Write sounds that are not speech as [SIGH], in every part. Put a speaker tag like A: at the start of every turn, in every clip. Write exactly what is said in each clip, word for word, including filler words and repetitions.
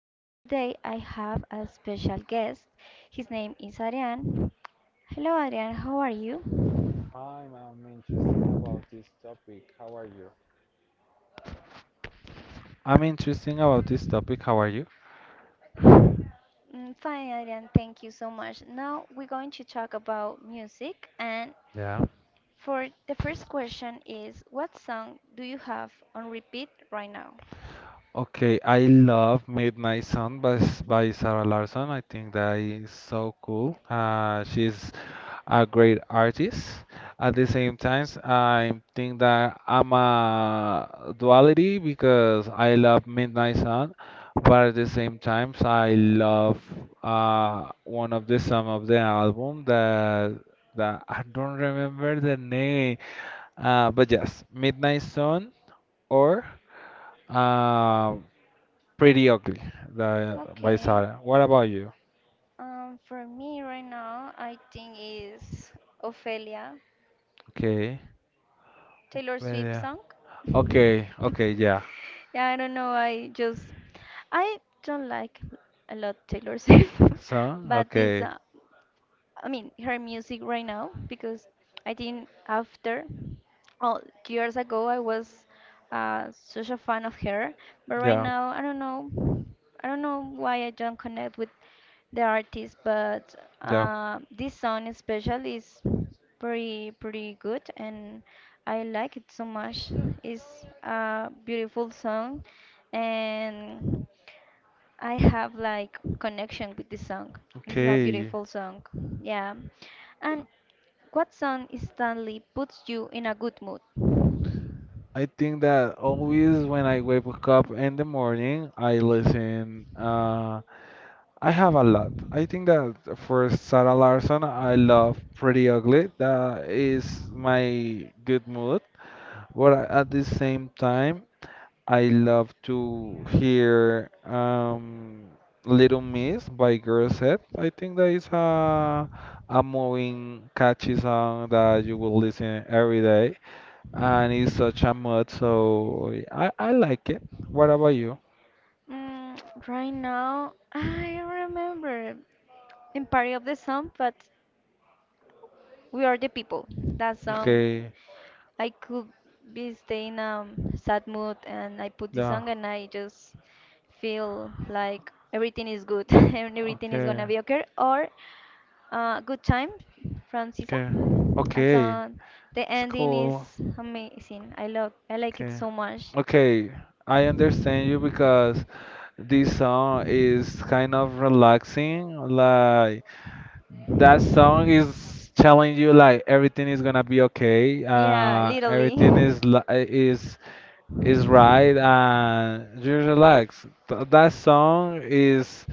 A: and today I have a special guest. His name is Arian. Hello Arian, how are you?
B: I'm, I'm interested about this topic. How are you? I'm interested about this topic. How are you?
A: Mm, fine Arian, thank you so much. Now we're going to talk about music and
B: Yeah.
A: for the first question is what song do you have on repeat right now?
B: Okay, I love Midnight Sun by, S- by Sarah Larson. I think that is so cool. Uh, she's a great artist. At the same time, I think that I'm a duality because I love Midnight Sun, but at the same time, I love uh, one of the some of the album that that I don't remember the name. Uh, but yes, Midnight Sun or. Uh, Pretty Ugly the, by
A: Okay.
B: Sara. What about you?
A: Um, for me right now, I think is Ophelia
B: Okay.
A: Taylor
B: Well,
A: Swift
B: yeah.
A: song. [LAUGHS]
B: Okay, okay, yeah.
A: Yeah, I don't know. I just I don't like a lot Taylor Swift,
B: So,
A: [LAUGHS] but this
B: okay,
A: uh, I mean her music right now because I think after oh years ago I was uh, such a fan of her, but right
B: yeah,
A: now I don't know I don't know why I don't connect with the artist, but
B: yeah.
A: uh, this song especially is pretty pretty good and I like it so much. It's a beautiful song and I have like connection with this song. It's a
B: Okay.
A: beautiful song. Yeah. And what song instantly puts you in a good mood?
B: I think that always when I wake up in the morning, I listen. Uh, I have a lot. I think that for Sarah Larson, I love Pretty Ugly. That is my good mood. But at the same time, I love to hear um, Little Miss by Girl Set. I think that is a a moving, catchy song that you will listen every day, and it's such a mood. So I I like it. What about you?
A: Mm, right now, I don't remember in part of the song, but We Are the People. That song,
B: Okay,
A: I could be staying in a sad mood and I put this
B: yeah,
A: song and I just feel like everything is good [LAUGHS] and everything is
B: okay,
A: gonna be okay. Or uh, Good Time from Sisa.
B: okay,
A: That
B: okay.
A: song, the
B: It's
A: ending
B: cool.
A: is amazing. I love, I like it
B: Okay,
A: so much.
B: okay. I understand you because this song is kind of relaxing. Like that song is telling you like everything is gonna be okay.
A: Yeah,
B: Uh,
A: literally.
B: everything
A: [LAUGHS]
B: is li- is is right, and you relax. Th- that song is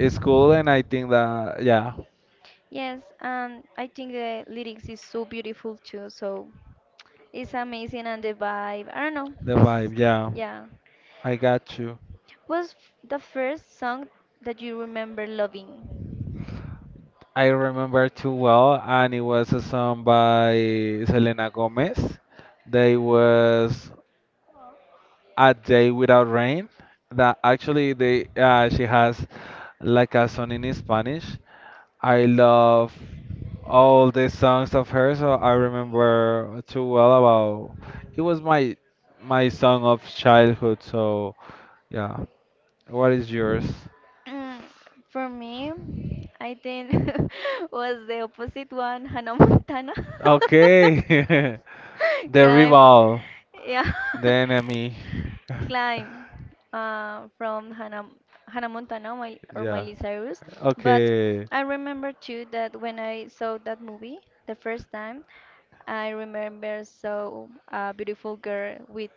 B: is cool, and I think that yeah,
A: Yes, and I think the lyrics is so beautiful too. So it's amazing and the vibe. I don't know.
B: the
A: It's
B: vibe. Yeah,
A: yeah.
B: I got you.
A: What's f- the first song that you remember loving?
B: I remember too well, and it was a song by Selena Gomez. They was A Day Without Rain that actually they uh, she has like a song in Spanish. I love all the songs of hers. So I remember too well about it was my my song of childhood. So yeah, what is yours?
A: [CLEARS THROAT] Mm, for me, I think [LAUGHS] was the opposite one, Hannah Montana.
B: Okay, [LAUGHS]
A: [LAUGHS]
B: the
A: Climb.
B: rival,
A: Yeah.
B: the
A: [LAUGHS]
B: enemy. [LAUGHS]
A: Climb uh, from Hannah, Hannah Montana my, or
B: yeah.
A: Miley Cyrus. But
B: Okay.
A: I remember too that when I saw that movie the first time, I remember saw a beautiful girl with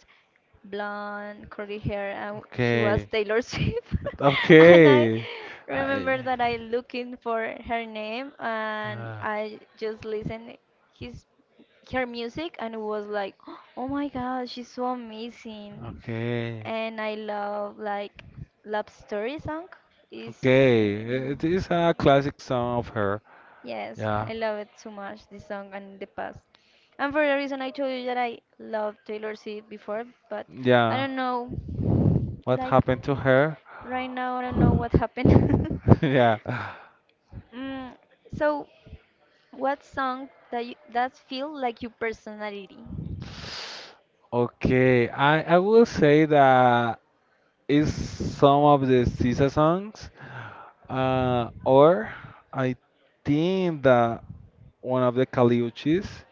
A: blonde curly hair and she was
B: Okay.
A: Taylor Swift [LAUGHS] and I
B: Okay.
A: remember
B: I.
A: that I looking for her name and
B: Uh,
A: I just listened his her music and it was like, [GASPS] oh my God, she's so amazing.
B: okay.
A: And I love like Love Story song is
B: Okay, it
A: um,
B: is a classic song of her.
A: yes,
B: Yeah,
A: I love it so much this song and the past. And for the reason I told you that I loved Taylor Swift before, but I
B: yeah.
A: don't know
B: What
A: like
B: happened to
A: r-
B: her?
A: right now I don't know what happened.
B: [LAUGHS] Yeah.
A: [LAUGHS] mm, so what song that you that feel like your personality?
B: Okay, I I will say that is some of the S Z A songs, uh, or I think that one of the Caliuchis.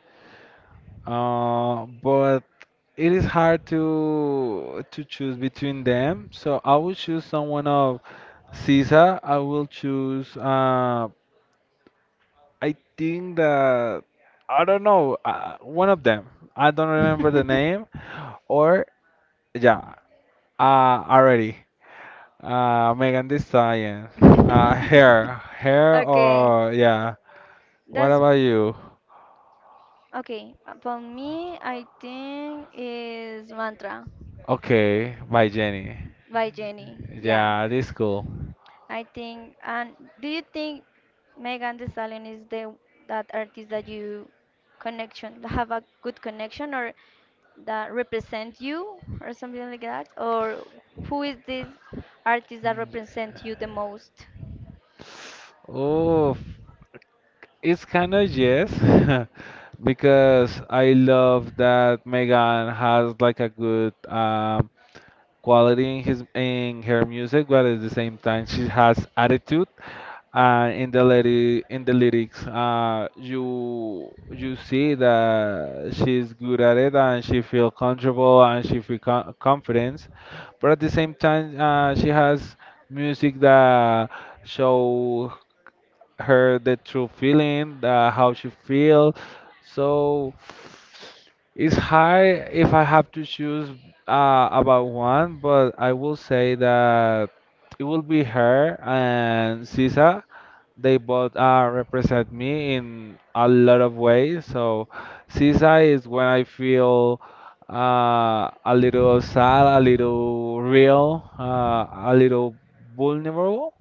B: Uh, but it is hard to to choose between them, so I will choose someone of S Z A. I will choose uh I think that I don't know uh, one of them. I don't remember the name
A: [LAUGHS]
B: or yeah, uh already. Uh Megan Thee Stallion. Uh Hair, Hair
A: Okay,
B: or yeah. What
A: that's
B: about you?
A: okay. uh, For me, I think is mantra.
B: Okay, by Jenny.
A: By Jenny. Yeah,
B: Yeah, this cool.
A: I think. And do you think Megan Thee Stallion is the that artist that you connection that have a good connection or that represent you or something like that? Or who is this artist that represent you the most?
B: Oh, it's kind of yes, [LAUGHS] because I love that Megan has like a good um quality in his in her music, but at the same time she has attitude. Uh, in the lady in the lyrics, uh, you you see that she's good at it and she feel comfortable and she feel con confidence, but at the same time uh, she has music that show her the true feeling, uh, how she feel. So it's hard if I have to choose uh, about one, but I will say that it will be her and Sisa. They both uh, represent me in a lot of ways. So Sisa is when I feel uh, a little sad, a little real, uh, a little vulnerable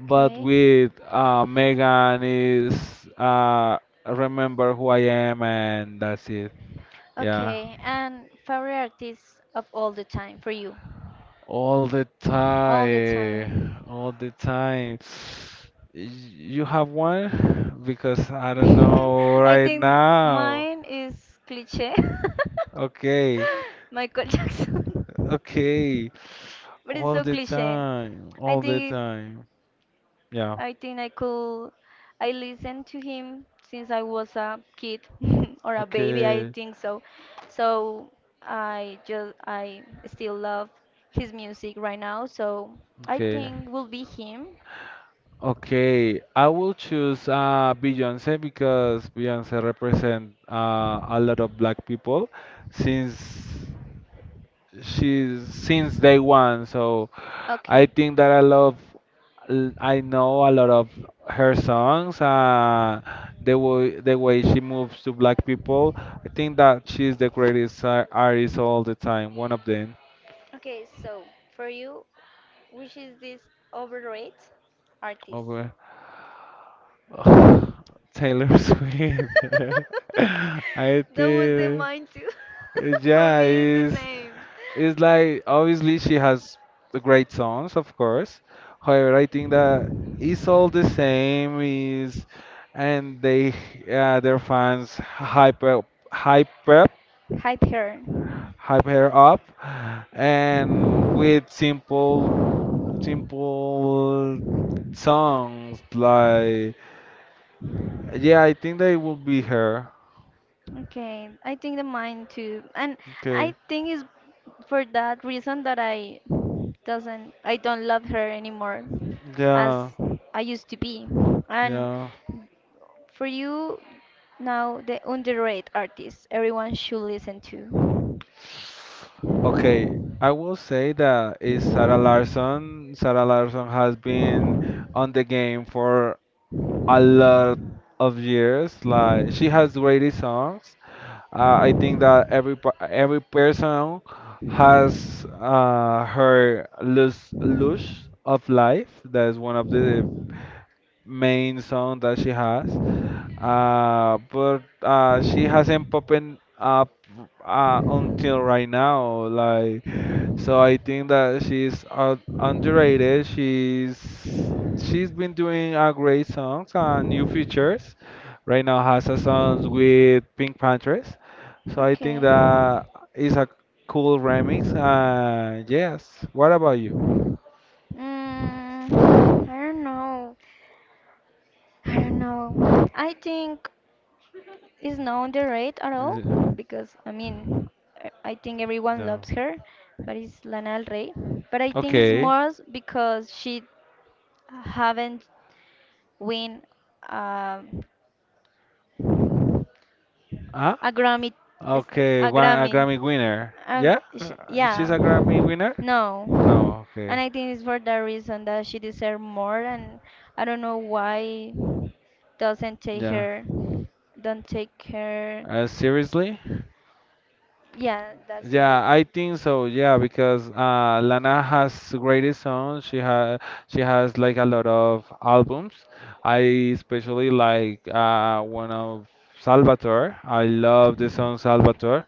B: but with uh, Megan is uh, remember who I am and that's it. Yeah,
A: okay. And favorite artist of all the time for you?
B: all the
A: All the time.
B: time, all the time. [SIGHS] Y- You have one? Because I
A: [LAUGHS]
B: don't know
A: I
B: right
A: think
B: now.
A: mine is cliche. [LAUGHS]
B: Okay,
A: [LAUGHS] Michael Jackson.
B: okay.
A: But it's
B: All
A: so
B: the
A: cliche.
B: time,
A: I
B: all the
A: think it,
B: time. Yeah.
A: I think I could I listened to him since I was a kid [LAUGHS] or a baby, I
B: Okay,
A: think so. So I just I still love his music right now, so I
B: okay.
A: think will be him.
B: Okay, I will choose uh, Beyoncé because Beyoncé represent uh, a lot of black people since she's since day one. So I
A: Okay.
B: think that I love, l- I know a lot of her songs. Uh, the way the way she moves to black people, I think that she's the greatest uh, artist all the time. One of them.
A: Okay, so for you, which is this overrated artist?
B: [LAUGHS] Ugh, Taylor Swift. [LAUGHS] I
A: [LAUGHS] That was in
B: think,
A: mine too. [LAUGHS] For
B: yeah,
A: me, it's the
B: it's,
A: same.
B: it's like obviously she has the great songs, of course. However, I think that it's all the same. Is and they uh, their fans hype up, hype up,
A: Hide her.
B: hype her up, and with simple, simple songs like yeah, I think they will be her.
A: Okay, I think the mind too, and
B: Okay.
A: I think it's for that reason that I doesn't I don't love her anymore as
B: Yeah.
A: I used to be. And
B: Yeah.
A: for you now, the underrated artist everyone should listen to.
B: Okay. I will say that is Sarah Larson. Sarah Larson has been on the game for a lot of years. Like she has great songs. Uh, I think that every per- every person has uh, her luz lush of life. That is one of the main song that she has. Uh, but uh, She hasn't popping up uh, until right now. Like, so I think that she's uh, underrated. She's she's been doing uh, great songs and new features. Right now has a song with Pink Panthers. So I think
A: Okay.
B: that is a cool remix. Uh, yes. What about you?
A: Mm, I don't know. I don't know. I think is not underrated at
B: Is
A: all
B: it-
A: because I mean I I think everyone
B: No.
A: loves her, but it's Lana Del Rey. But I think it's
B: Okay.
A: more s- because she haven't win um,
B: Huh?
A: a Grammy, is-
B: Okay,
A: a
B: one, a
A: Grammy,
B: Grammy winner.
A: a
B: Yeah?
A: gr-
B: [LAUGHS]
A: sh
B: Uh, She's
A: yeah,
B: a Grammy winner?
A: no,
B: No,
A: and
B: okay.
A: I think it's for that reason that she deserves more, and I don't know why doesn't take
B: Yeah.
A: her, don't take her.
B: Uh, seriously?
A: Yeah, that's
B: Yeah, I
A: seriously.
B: think so. Yeah, because uh, Lana has greatest songs. She has she has like a lot of albums. I especially like uh, one of Salvatore. I love the song Salvatore.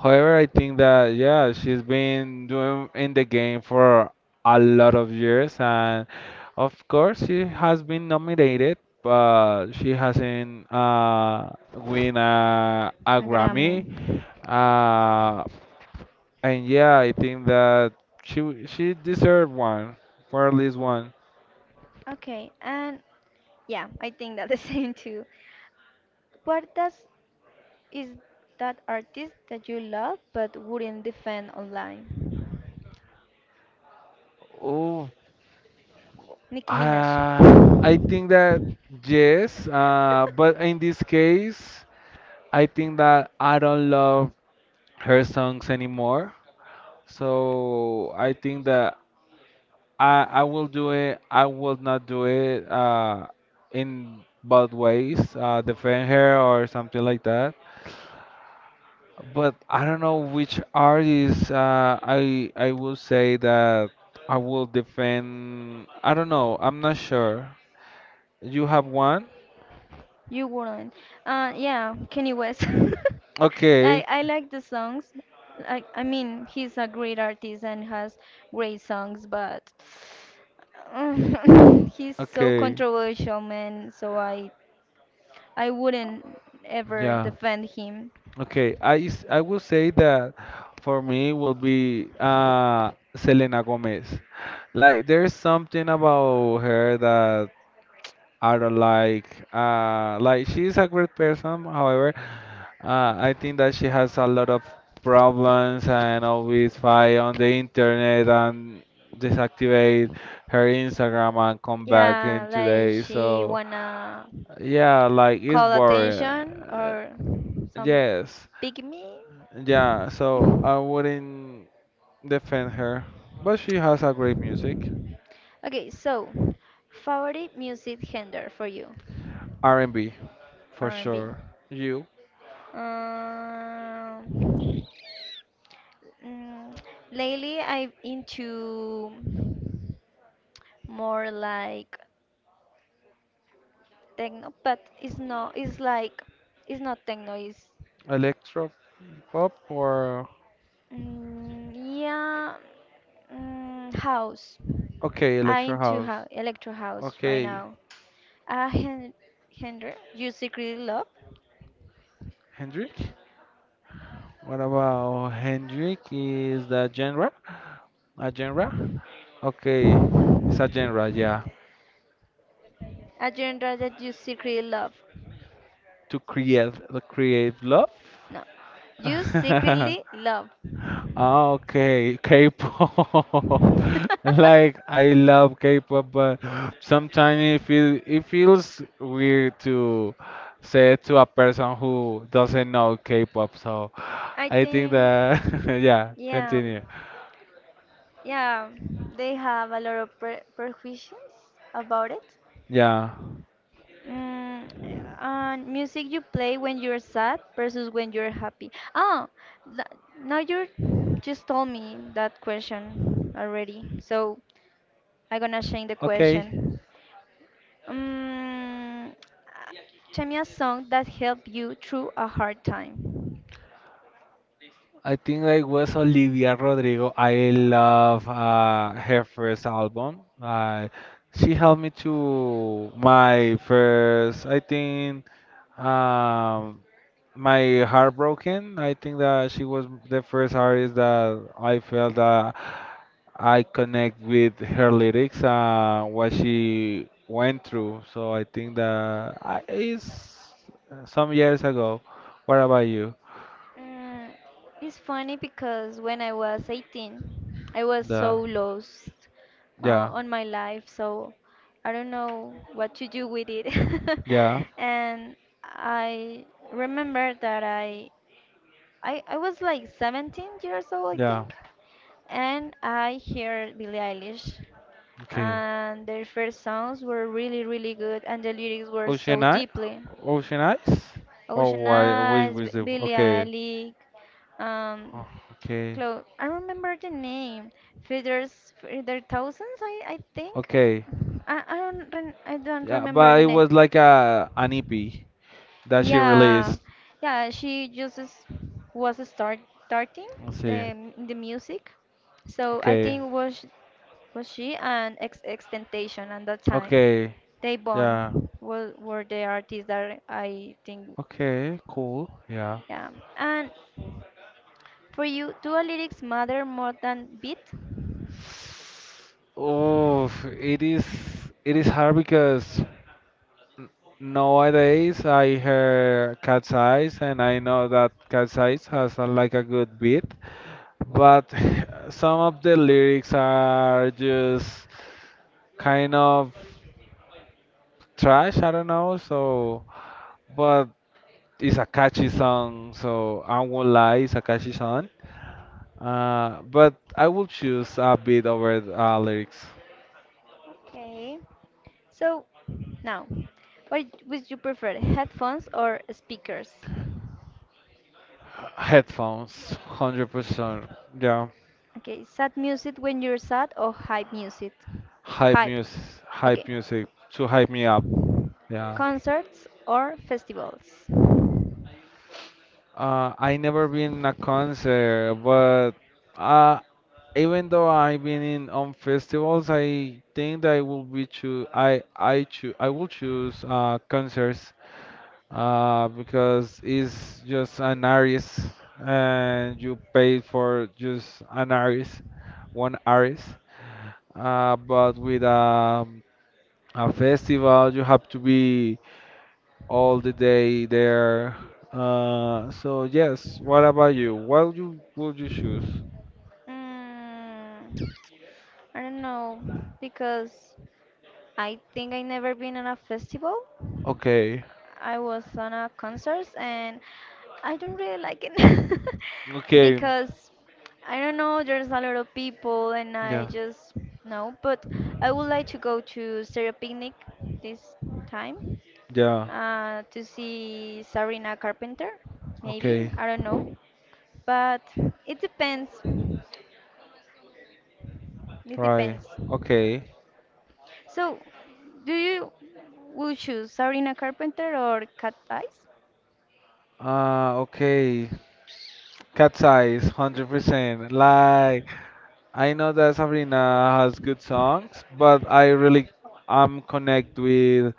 B: However, I think that yeah, she's been doing in the game for a lot of years, and of course she has been nominated, but she hasn't uh, win a, a
A: A Grammy.
B: Grammy. Uh, and yeah, I think that she w- she deserved one, or at least one.
A: Okay, and yeah, I think that the [LAUGHS] same too. What does is That artist that you love but wouldn't defend online?
B: Oh,
A: Nicki Minaj.
B: uh,
A: [LAUGHS]
B: I think that yes, uh, but in this case, I think that I don't love her songs anymore. So I think that I I will do it. I will not do it uh, in both ways, uh, defend her or something like that. But I don't know which artist uh, I I will say that I will defend. I don't know. I'm not sure. You have one?
A: You wouldn't. Uh, yeah, Kanye West. [LAUGHS] Like
B: Okay.
A: I like the songs. Like I mean, he's a great artist and has great songs, but [SIGHS] [LAUGHS] he's so
B: Okay.
A: controversial, man. So I I wouldn't ever
B: Yeah.
A: defend him.
B: Okay. I s- I will say that for me will be uh Selena Gomez. Like there's something about her that are like uh like she's a great person, however uh, I think that she has a lot of problems and always fight on the internet and deactivate her Instagram and come back in
A: Yeah, like
B: today,
A: she
B: so
A: wanna
B: yeah, like it's
A: call
B: boring.
A: attention
B: Uh,
A: or some
B: yes,
A: pick me.
B: yeah, so I wouldn't defend her, but she has a great music.
A: Okay, so favorite music genre for you,
B: R&B for
A: R and B.
B: sure. You
A: Um, mm, Lately I'm into more like techno, but it's not. It's like it's not techno. It's
B: electro pop or
A: Mm, yeah, mm, house.
B: Okay,
A: I
B: electro
A: into
B: house.
A: house, electro house right
B: Okay,
A: now. A hen genre you secretly love.
B: Hendrik. What about Hendrik? Is that genre? A genre? Okay, it's a genre. Yeah,
A: A genre that you secretly love.
B: to create, to create love.
A: No, you secretly
B: [LAUGHS]
A: love.
B: Ah, okay, K-pop.
A: [LAUGHS]
B: [LAUGHS] Like I love K-pop, but [GASPS] sometimes it feel, it feels weird to say it to a person who doesn't know K-pop. So
A: I
B: I think
A: think,
B: that [LAUGHS] yeah,
A: yeah,
B: continue.
A: yeah, they have a lot of pre prejudices about it.
B: Yeah.
A: Mm, and music you play when you're sad versus when you're happy. Oh, th- now you just told me that question already, so I'm gonna change the
B: Okay,
A: question. Um, Tell me a song that helped you through a hard time.
B: I think I was Olivia Rodrigo. I love uh, her first album. Uh, she helped me to my first, I think, um, my heartbroken. I think that she was the first artist that I felt that I connect with her lyrics, uh, what she went through. So I think that I, it's some years ago. What about you?
A: Mm, it's funny because when I was eighteen, I was
B: The
A: so lost uh,
B: yeah,
A: on my life, so I don't know what to do with it. [LAUGHS]
B: yeah.
A: And I remember that I, I, I was like seventeen years old, I
B: Yeah.
A: think, and I heard Billie Eilish.
B: Okay.
A: And their first songs were really, really good, and the lyrics were
B: Ocean
A: so
B: Eye?
A: deeply.
B: Ocean Eyes? Oh,
A: Ocean
B: why? Which
A: Eyes, B-
B: was the?
A: Billie
B: Okay.
A: Eilish, um,
B: Oh, okay.
A: Clo I remember the name. Feathers, Feather Thousands, I, I think.
B: Okay.
A: I, I don't re I don't
B: Yeah,
A: remember
B: but
A: the
B: it
A: name.
B: was like a an E P that she
A: Yeah,
B: released.
A: yeah, she just is- was start starting
B: Let's see.
A: the the music, so I
B: Okay.
A: think was was she and X Extentation at that time.
B: Okay.
A: They
B: Yeah.
A: Bond were, were the artists that I think,
B: Okay. Cool. Yeah.
A: yeah. And for you, do a lyrics matter more than beat?
B: Oh, it is. It is hard because n- nowadays I hear Cat's Eyes, and I know that Cat's Eyes has a, like a good beat, but [LAUGHS] some of the lyrics are just kind of trash. I don't know. So, but it's a catchy song. So I won't lie, it's a catchy song. Uh, but I will choose a beat over the, uh, lyrics.
A: Okay. So now, what would you prefer, headphones or speakers?
B: Headphones, hundred percent. Yeah,
A: Okay, sad music when you're sad or hype music?
B: hype
A: Hype.
B: music, hype
A: Okay.
B: music to hype me up. Yeah.
A: Concerts or festivals?
B: Uh, I never been in a concert, but uh, even though I've been in on festivals, I think that I will be choo I I choo I will choose uh concerts uh because it's just an artist and you pay for just an artist, one artist. Uh, but with um, a festival, you have to be all the day there. Uh, so yes, what about you? What you would you choose?
A: Mm, I don't know because I think I never been on a festival,
B: Okay,
A: I was on a concert and I don't really like it [LAUGHS]
B: okay,
A: because I don't know, there's a lot of people and I
B: yeah,
A: just no, but I would like to go to Stereo Picnic this time
B: yeah.
A: uh, to see Sarina Carpenter, maybe,
B: Okay,
A: I don't know, but it depends. It
B: right.
A: depends.
B: Okay.
A: So, do you will choose Sarina Carpenter or Cat Eyes?
B: Uh, okay. Cat's Eyes, one hundred percent. Like, I know that Sabrina has good songs, but I really am connect with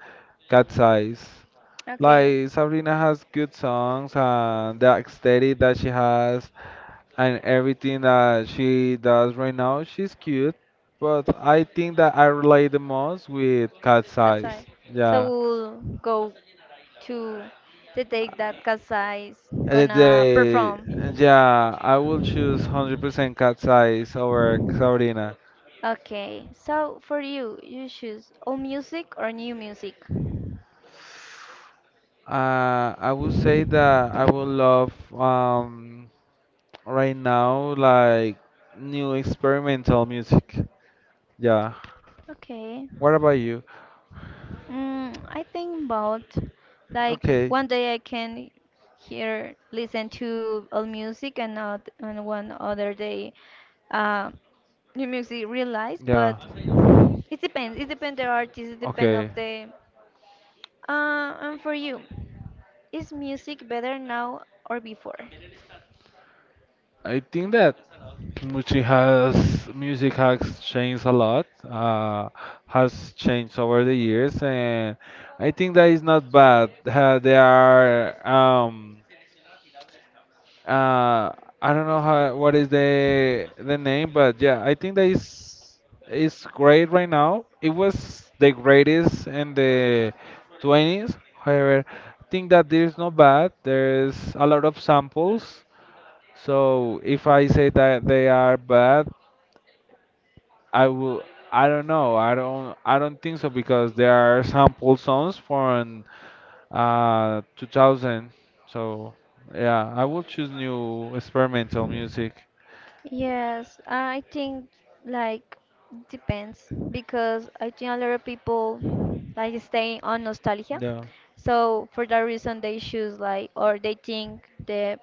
B: Cat's Eyes.
A: Okay,
B: Like, Sabrina has good songs and the aesthetic that she has and everything that she does right now, she's cute. But I think that I relate the most with Cat's Eyes.
A: Katsai. So
B: Yeah.
A: we'll go to the date that Katsai is
B: And
A: gonna
B: they,
A: perform.
B: yeah, I will choose one hundred percent cat's eyes over Sabrina.
A: Okay, so for you, you choose old music or new music?
B: Uh, I would say that I would love um right now like new experimental music. Yeah.
A: Okay.
B: What about you?
A: Mm, I think about like
B: Okay.
A: one day I can hear listen to old music and not and one other day uh, new music realize
B: Yeah.
A: but it depends. It depends the artist, it depends
B: Okay.
A: of the. Uh, and for you, is music better now or before?
B: I think that music has music has changed a lot. Uh, has changed over the years, and I think that is not bad. Uh, there are um uh I don't know how what is the the name, but yeah, I think that is is great right now. It was the greatest in the twenties. However, I think that there's no bad. There's a lot of samples, so if I say that they are bad, I will. I don't know. I don't. I don't think so because there are sample songs from uh two thousand. So yeah, I will choose new experimental music.
A: Yes, uh, I think like depends because I think a lot of people like stay on nostalgia.
B: Yeah.
A: So for that reason they choose like or they think the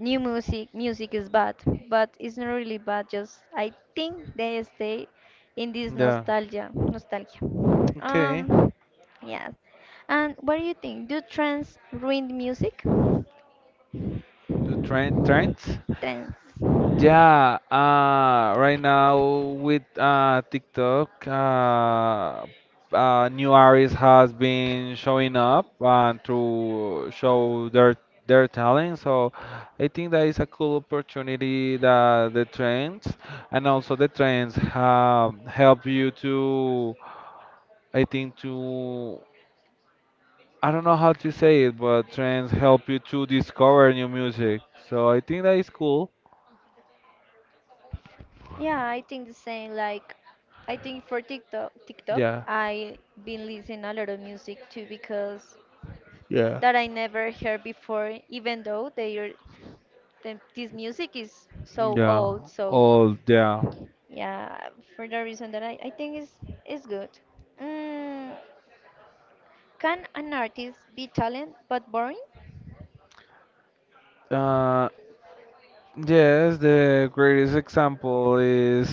A: new music music is bad but it's not really bad, just I think they stay in this
B: Yeah.
A: nostalgia nostalgia.
B: Okay.
A: um yes, and what do you think, do trends ruin music?
B: Do trend trends?
A: Trends.
B: Yeah, uh, right now with uh, TikTok, uh, uh, new artists has been showing up and to show their their talent. So I think that is a cool opportunity that the trends, and also the trends have help you to, I think to, I don't know how to say it, but trends help you to discover new music. So I think that is cool.
A: Yeah, I think the same. Like I think for tiktok tiktok
B: Yeah.
A: I been listening a lot of music too because
B: Yeah.
A: that I never heard before even though they are the, this music is so
B: Yeah.
A: old so.
B: All yeah.
A: Yeah, for the reason that I, I think is is good. Mm, can an artist be talent but boring?
B: Uh, yes, the greatest example is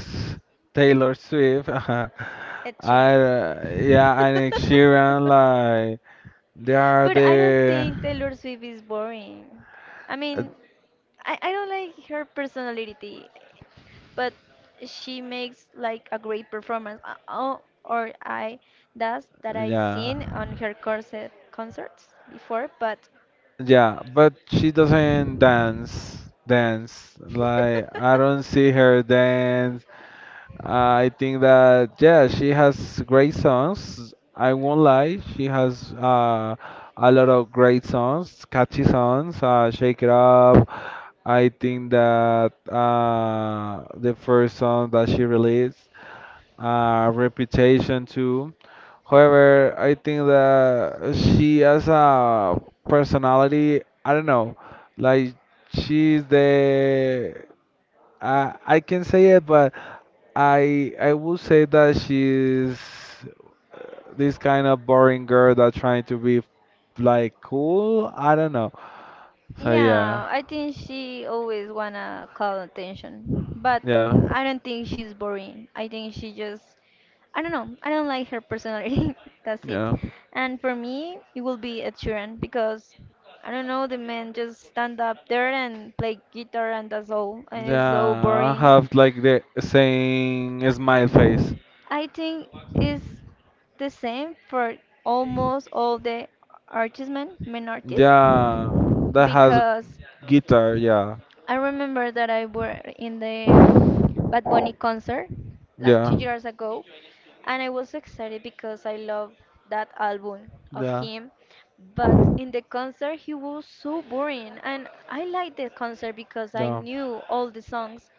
B: Taylor Swift. [LAUGHS] I,
A: Ed Sheeran.
B: yeah,
A: [LAUGHS]
B: and Ed Sheeran, like, they are
A: But I don't
B: the,
A: think Taylor Swift is boring. I
B: uh,
A: mean, I, I don't like her personality, but she makes like a great performance. Uh, Oh, or I Does that I
B: yeah,
A: seen on her concert concerts before, but
B: yeah, but she doesn't dance, dance. Like, I
A: [LAUGHS]
B: don't see her dance. I think that yeah, she has great songs. I won't lie, she has uh, a lot of great songs, catchy songs. Uh, Shake It Up. I think that uh, the first song that she released, uh, Reputation too. However, I think that she has a personality. I don't know, like she's the uh, I can say it, but I I would say that she's uh, this kind of boring girl that trying to be like cool. I don't know. So yeah,
A: yeah, I think she always wanna call attention, but
B: yeah,
A: I don't think she's boring. I think she just, I don't know, I don't like her personality. [LAUGHS] That's it.
B: yeah,
A: And for me, it will be Ed Sheeran because I don't know, the man just stand up there and play guitar and that's all, and it's so
B: yeah. I
A: boring.
B: have like the same smile face.
A: I think it's the same for almost all the artists, men, men artists,
B: Yeah, that has
A: because
B: guitar. Yeah,
A: I remember that I were in the um, Bad Bunny concert like two
B: yeah,
A: years ago, and I was excited because I love that album of
B: yeah,
A: him. But in the concert, he was so boring, and I liked the concert because I
B: yeah,
A: knew all the songs.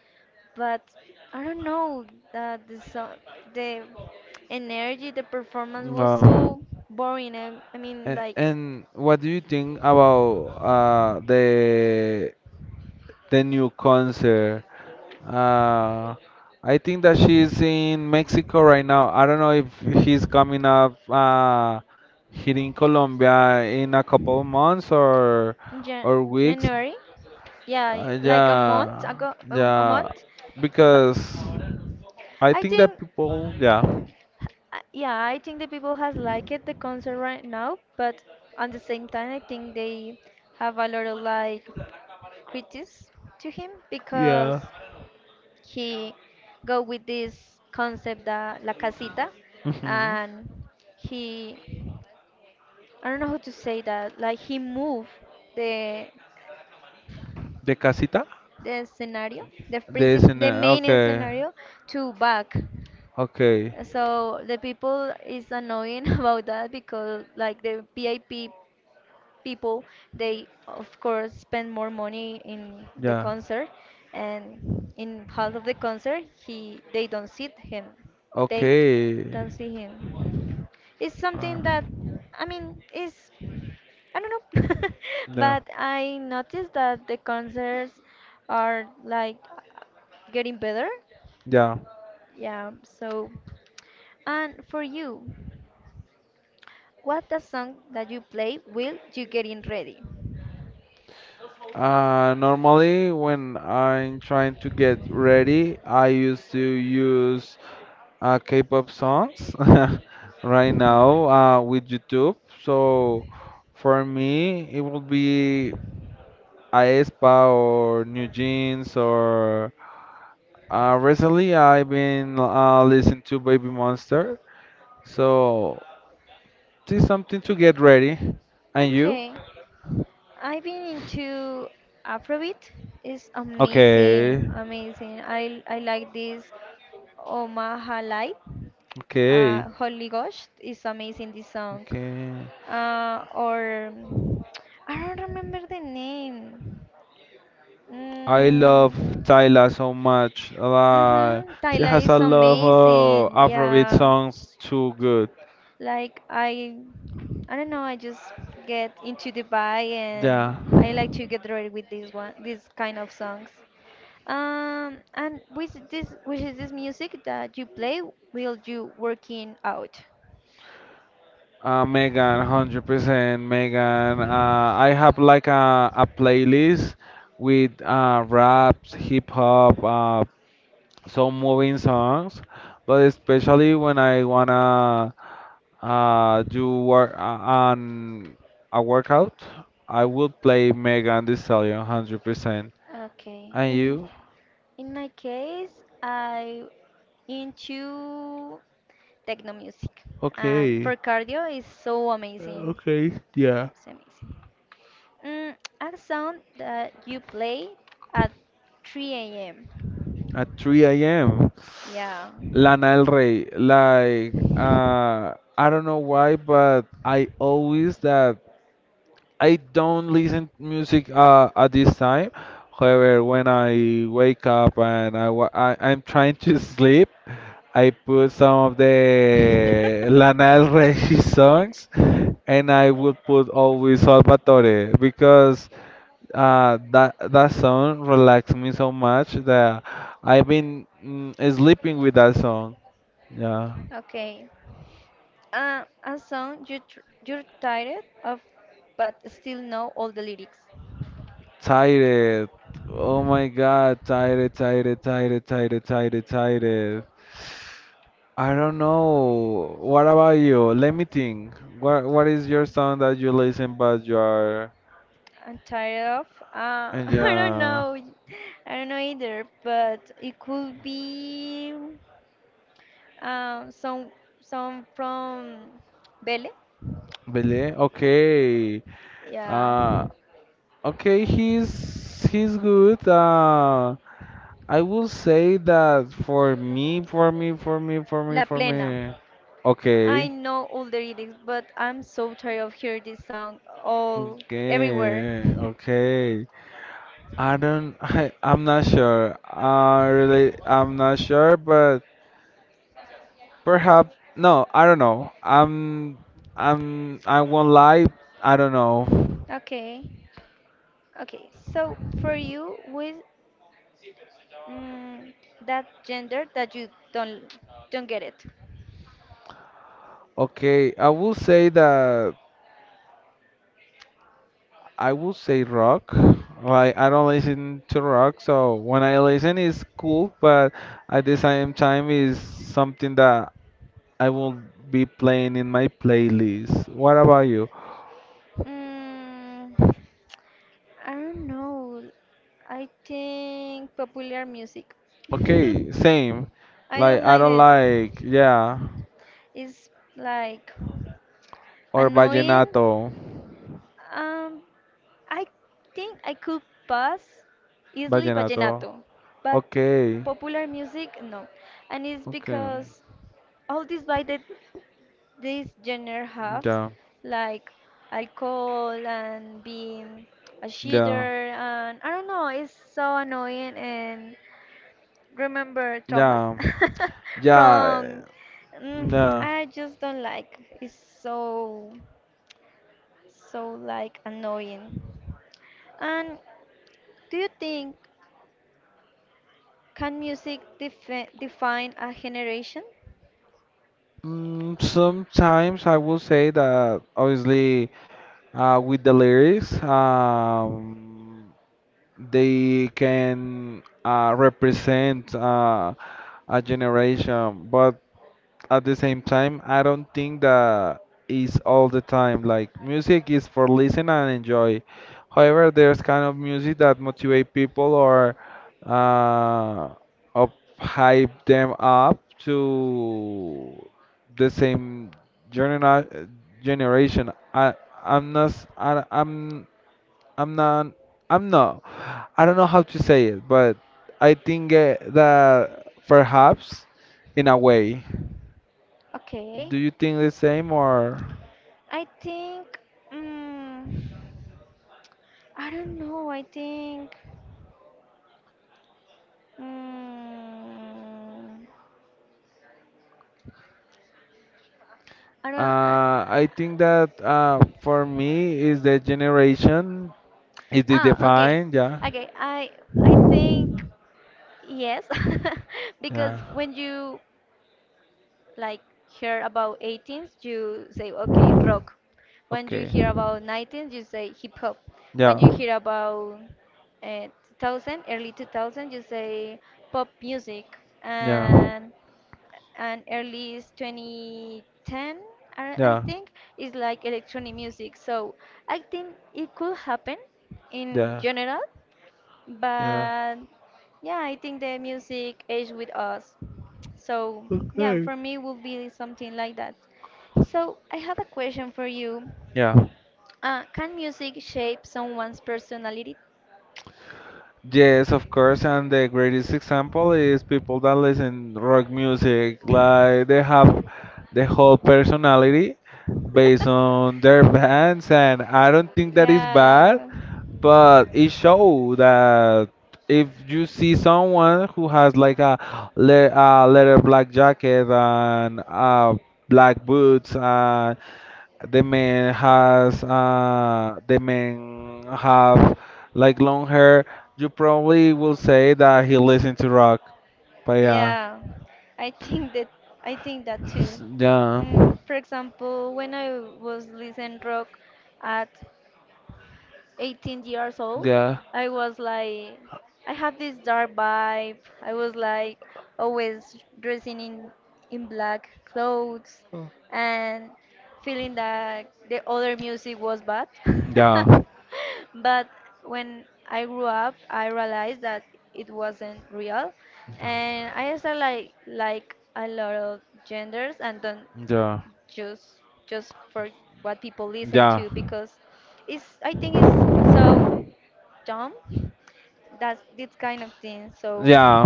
A: But I don't know that the song, the energy, the performance was
B: yeah.
A: so boring. I, I mean,
B: A-
A: like.
B: And what do you think about uh, the the new concert? Uh, I think that she's in Mexico right now. I don't know if he's coming up uh, here in Colombia in a couple of months or
A: Jan-
B: or weeks.
A: January, yeah,
B: Uh,
A: like a month
B: yeah,
A: ago, um, a
B: yeah,
A: month. But
B: because I
A: I
B: think
A: think,
B: that people, yeah,
A: uh, yeah, I think the people has liked it, the concert right now. But at the same time, I think they have a lot of like critics to him because
B: yeah.
A: he go with this concept that la casita,
B: Mhm.
A: and he I don't know how to say that. Like he moved the
B: The casita?
A: the scenario, the
B: The
A: princip- the
B: S N L,
A: main
B: okay.
A: scenario to back.
B: Okay,
A: So the people is annoying [LAUGHS] about that because like the P I P people, they of course spend more money in the
B: yeah.
A: concert, and in half of the concert he they don't see him, they
B: Okay.
A: don't see him It's
B: Uh,
A: something that, i mean is, I don't know. [LAUGHS]
B: yeah,
A: But I noticed that the concerts are like getting better.
B: yeah.
A: Yeah. So and for you, what the song that you play will you getting ready
B: Uh, normally, when I'm trying to get ready, I used to use uh, K-pop songs. [LAUGHS] Right now,
A: [LAUGHS]
B: uh, with YouTube. So for me, it will be aespa or New Jeans or uh, recently I've been uh, listening to Baby Monster. So this something to get ready. And you?
A: Okay, I've been into Afrobeat. It's
B: Okay.
A: amazing, amazing. I I like this Omaha Light.
B: Okay.
A: Uh, Holy Ghost is amazing. This song,
B: Okay.
A: uh, or mm, I don't remember the name.
B: I love
A: Mm,
B: Tyla so much. Uh,
A: mm-hmm.
B: she
A: Tyla
B: has a
A: is
B: lot of
A: amazing.
B: uh, Afrobeat
A: Yeah.
B: songs too good.
A: Like I I don't know, I just get into the vibe
B: Yeah.
A: and I like to get ready with this one these kind of songs. Um and with this with this music that you play, will you working out?
B: Uh, Megan, one hundred percent. Megan, uh, I have like a, a playlist with uh, raps, hip hop, uh, some moving songs, but especially when I wanna uh, do work uh, on a workout, I would play Megan Thee Stallion one hundred percent.
A: Okay.
B: And
A: In
B: you?
A: in my case, I into techno music, and
B: Okay.
A: for cardio is so
B: Uh,
A: amazing.
B: okay. Yeah.
A: It's amazing. Mm, a sound that you play at three a m.
B: At three a m.
A: Yeah.
B: Lana Del Rey. Like, uh, I don't know why, but I always that I don't listen music uh, at this time. However, when I wake up and I, wa- I I'm trying to [LAUGHS] sleep, I put some of the Lana
A: [LAUGHS]
B: Del Rey [LAUGHS] songs, and I would put always Salvatore because uh, that that song relaxed me so much that I've been mm, sleeping with that song. Yeah.
A: Okay. Uh, a song you tr- you're tired of, but still know all the lyrics.
B: Tired. Oh my god, tired, tired, tired, tired, tired, tired. I don't know. What about you? Let me think. What what is your song that you listen but you are
A: I'm tired of. Uh, [LAUGHS]
B: and
A: I don't
B: yeah
A: know. I don't know either. But it could be um, some some from Belle.
B: Belé? Okay.
A: Yeah,
B: Uh okay, he's he's good. Uh, I will say that for me, for me, for me, for me,
A: La
B: for
A: Plena.
B: me.
A: I
B: Okay.
A: know all the lyrics, but I'm so tired of hearing this song all everywhere.
B: Okay,
A: [LAUGHS]
B: okay. I don't. [LAUGHS] I, I'm not sure. Uh, really, I'm not sure, but perhaps no. I don't know. I'm. I'm. I won't lie. I don't know.
A: Okay. Okay. So for you, with mm, that gender that you don't don't get it.
B: Okay, I will say that I will say rock. Like I don't listen to rock, so when I listen, it's cool. But at the same time, is something that I will be playing in my playlist. What about you?
A: Mm, I don't know. I think popular music. [LAUGHS]
B: Okay, same.
A: I
B: Like
A: don't
B: I
A: like
B: don't
A: that.
B: like. Yeah.
A: It's like
B: Or
A: annoying.
B: vallenato.
A: Um, I think I could pass easily
B: Vallenato.
A: vallenato, but
B: Okay.
A: popular music, no. And it's
B: Okay.
A: because all this vibe that this genre has,
B: Yeah.
A: like alcohol and being a
B: Yeah.
A: cheater, and I don't know, it's so annoying and remember traumas
B: Yeah.
A: [LAUGHS]
B: Yeah. eh,
A: from mm,
B: Yeah.
A: I just don't like, it's so so like annoying. And do you think, can music defi- define a generation?
B: Mm, sometimes I will say that obviously uh, with the lyrics, um, they can uh, represent uh, a generation, but at the same time, I don't think that is all the time. Like music is for listen and enjoy. However, there's kind of music that motivate people or uh, up hype them up to the same genera- generation. I I'm not s- I, am I'm not I'm not I don't know how to say it, but I think uh, that perhaps in a way.
A: Okay,
B: Do you think the same or
A: I think, mm, I don't know, I think, mm, I don't I,
B: uh, I think that uh, for me is the generation is the
A: ah, okay.
B: define yeah
A: Okay, I I think, yes, [LAUGHS] because
B: yeah
A: when you like hear about eighteens, you say okay, rock. When you
B: okay
A: hear about nineteens, you say hip hop. When
B: yeah
A: you hear about uh, two thousand, early two thousand, you say pop music.
B: yeah
A: And and early is two thousand ten, I I
B: yeah
A: think, is like electronic music. So I think it could happen in
B: yeah
A: general,
B: yeah.
A: but yeah, I think the music aged with us. So yeah,
B: Okay.
A: for me will be something like that. So I have a question for you.
B: Yeah,
A: Uh, can music shape someone's personality? [LAUGHS]
B: yes, of course, and the greatest example is people that listen rock music, like they have the whole personality based on their bands, and I don't think that is bad,
A: Yeah,
B: but it showed that if you see someone who has like a, le- a leather black jacket and uh, black boots, and the man has uh, the man have like long hair, you probably will say that he listens to rock. But yeah,
A: yeah. I think that I think that too.
B: S- yeah,
A: Mm, for example, when I was listening rock at eighteen years old,
B: yeah,
A: I was like, I have this dark vibe. I was like always dressing in in black clothes and feeling that the other music was bad. [LAUGHS]
B: yeah,
A: But when I grew up, I realized that it wasn't real, and I started like like a lot of genders and don't
B: yeah,
A: just just for what people listen
B: yeah,
A: to, because it's, I think it's so dumb, that's this kind of thing. So
B: yeah.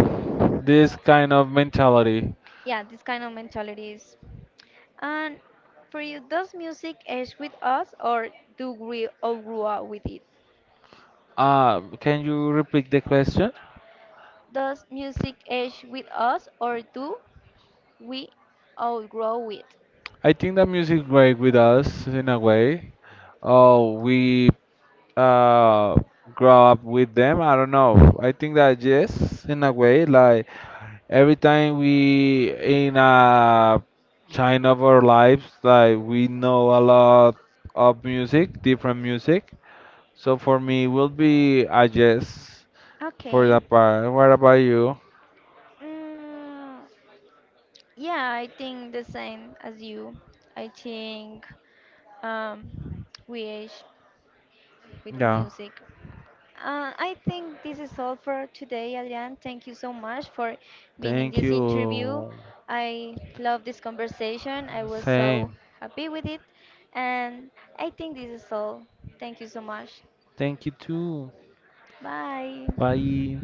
B: This kind of mentality.
A: yeah, this kind of mentality is. And for you, does music age with us or do we outgrow up with it?
B: Uh, can you repeat the question?
A: Does music age with us or do we outgrow it?
B: I think that music work with us in a way. Oh, we uh grow up with them. I don't know. I think that yes, in a way, like every time we in a time of our lives, like we know a lot of music, different music. So for me, it will be a yes for
A: Okay.
B: that part. What about you?
A: Mm, Yeah, I think the same as you. I think um, we age with
B: Yeah.
A: music. Uh, I think this is all for today, Adrian. Thank you so much for being in
B: Thank
A: this interview.
B: you.
A: I love this conversation. I was so
B: Same.
A: happy with it. And I think this is all. Thank you so much.
B: Thank you too.
A: Bye.
B: Bye.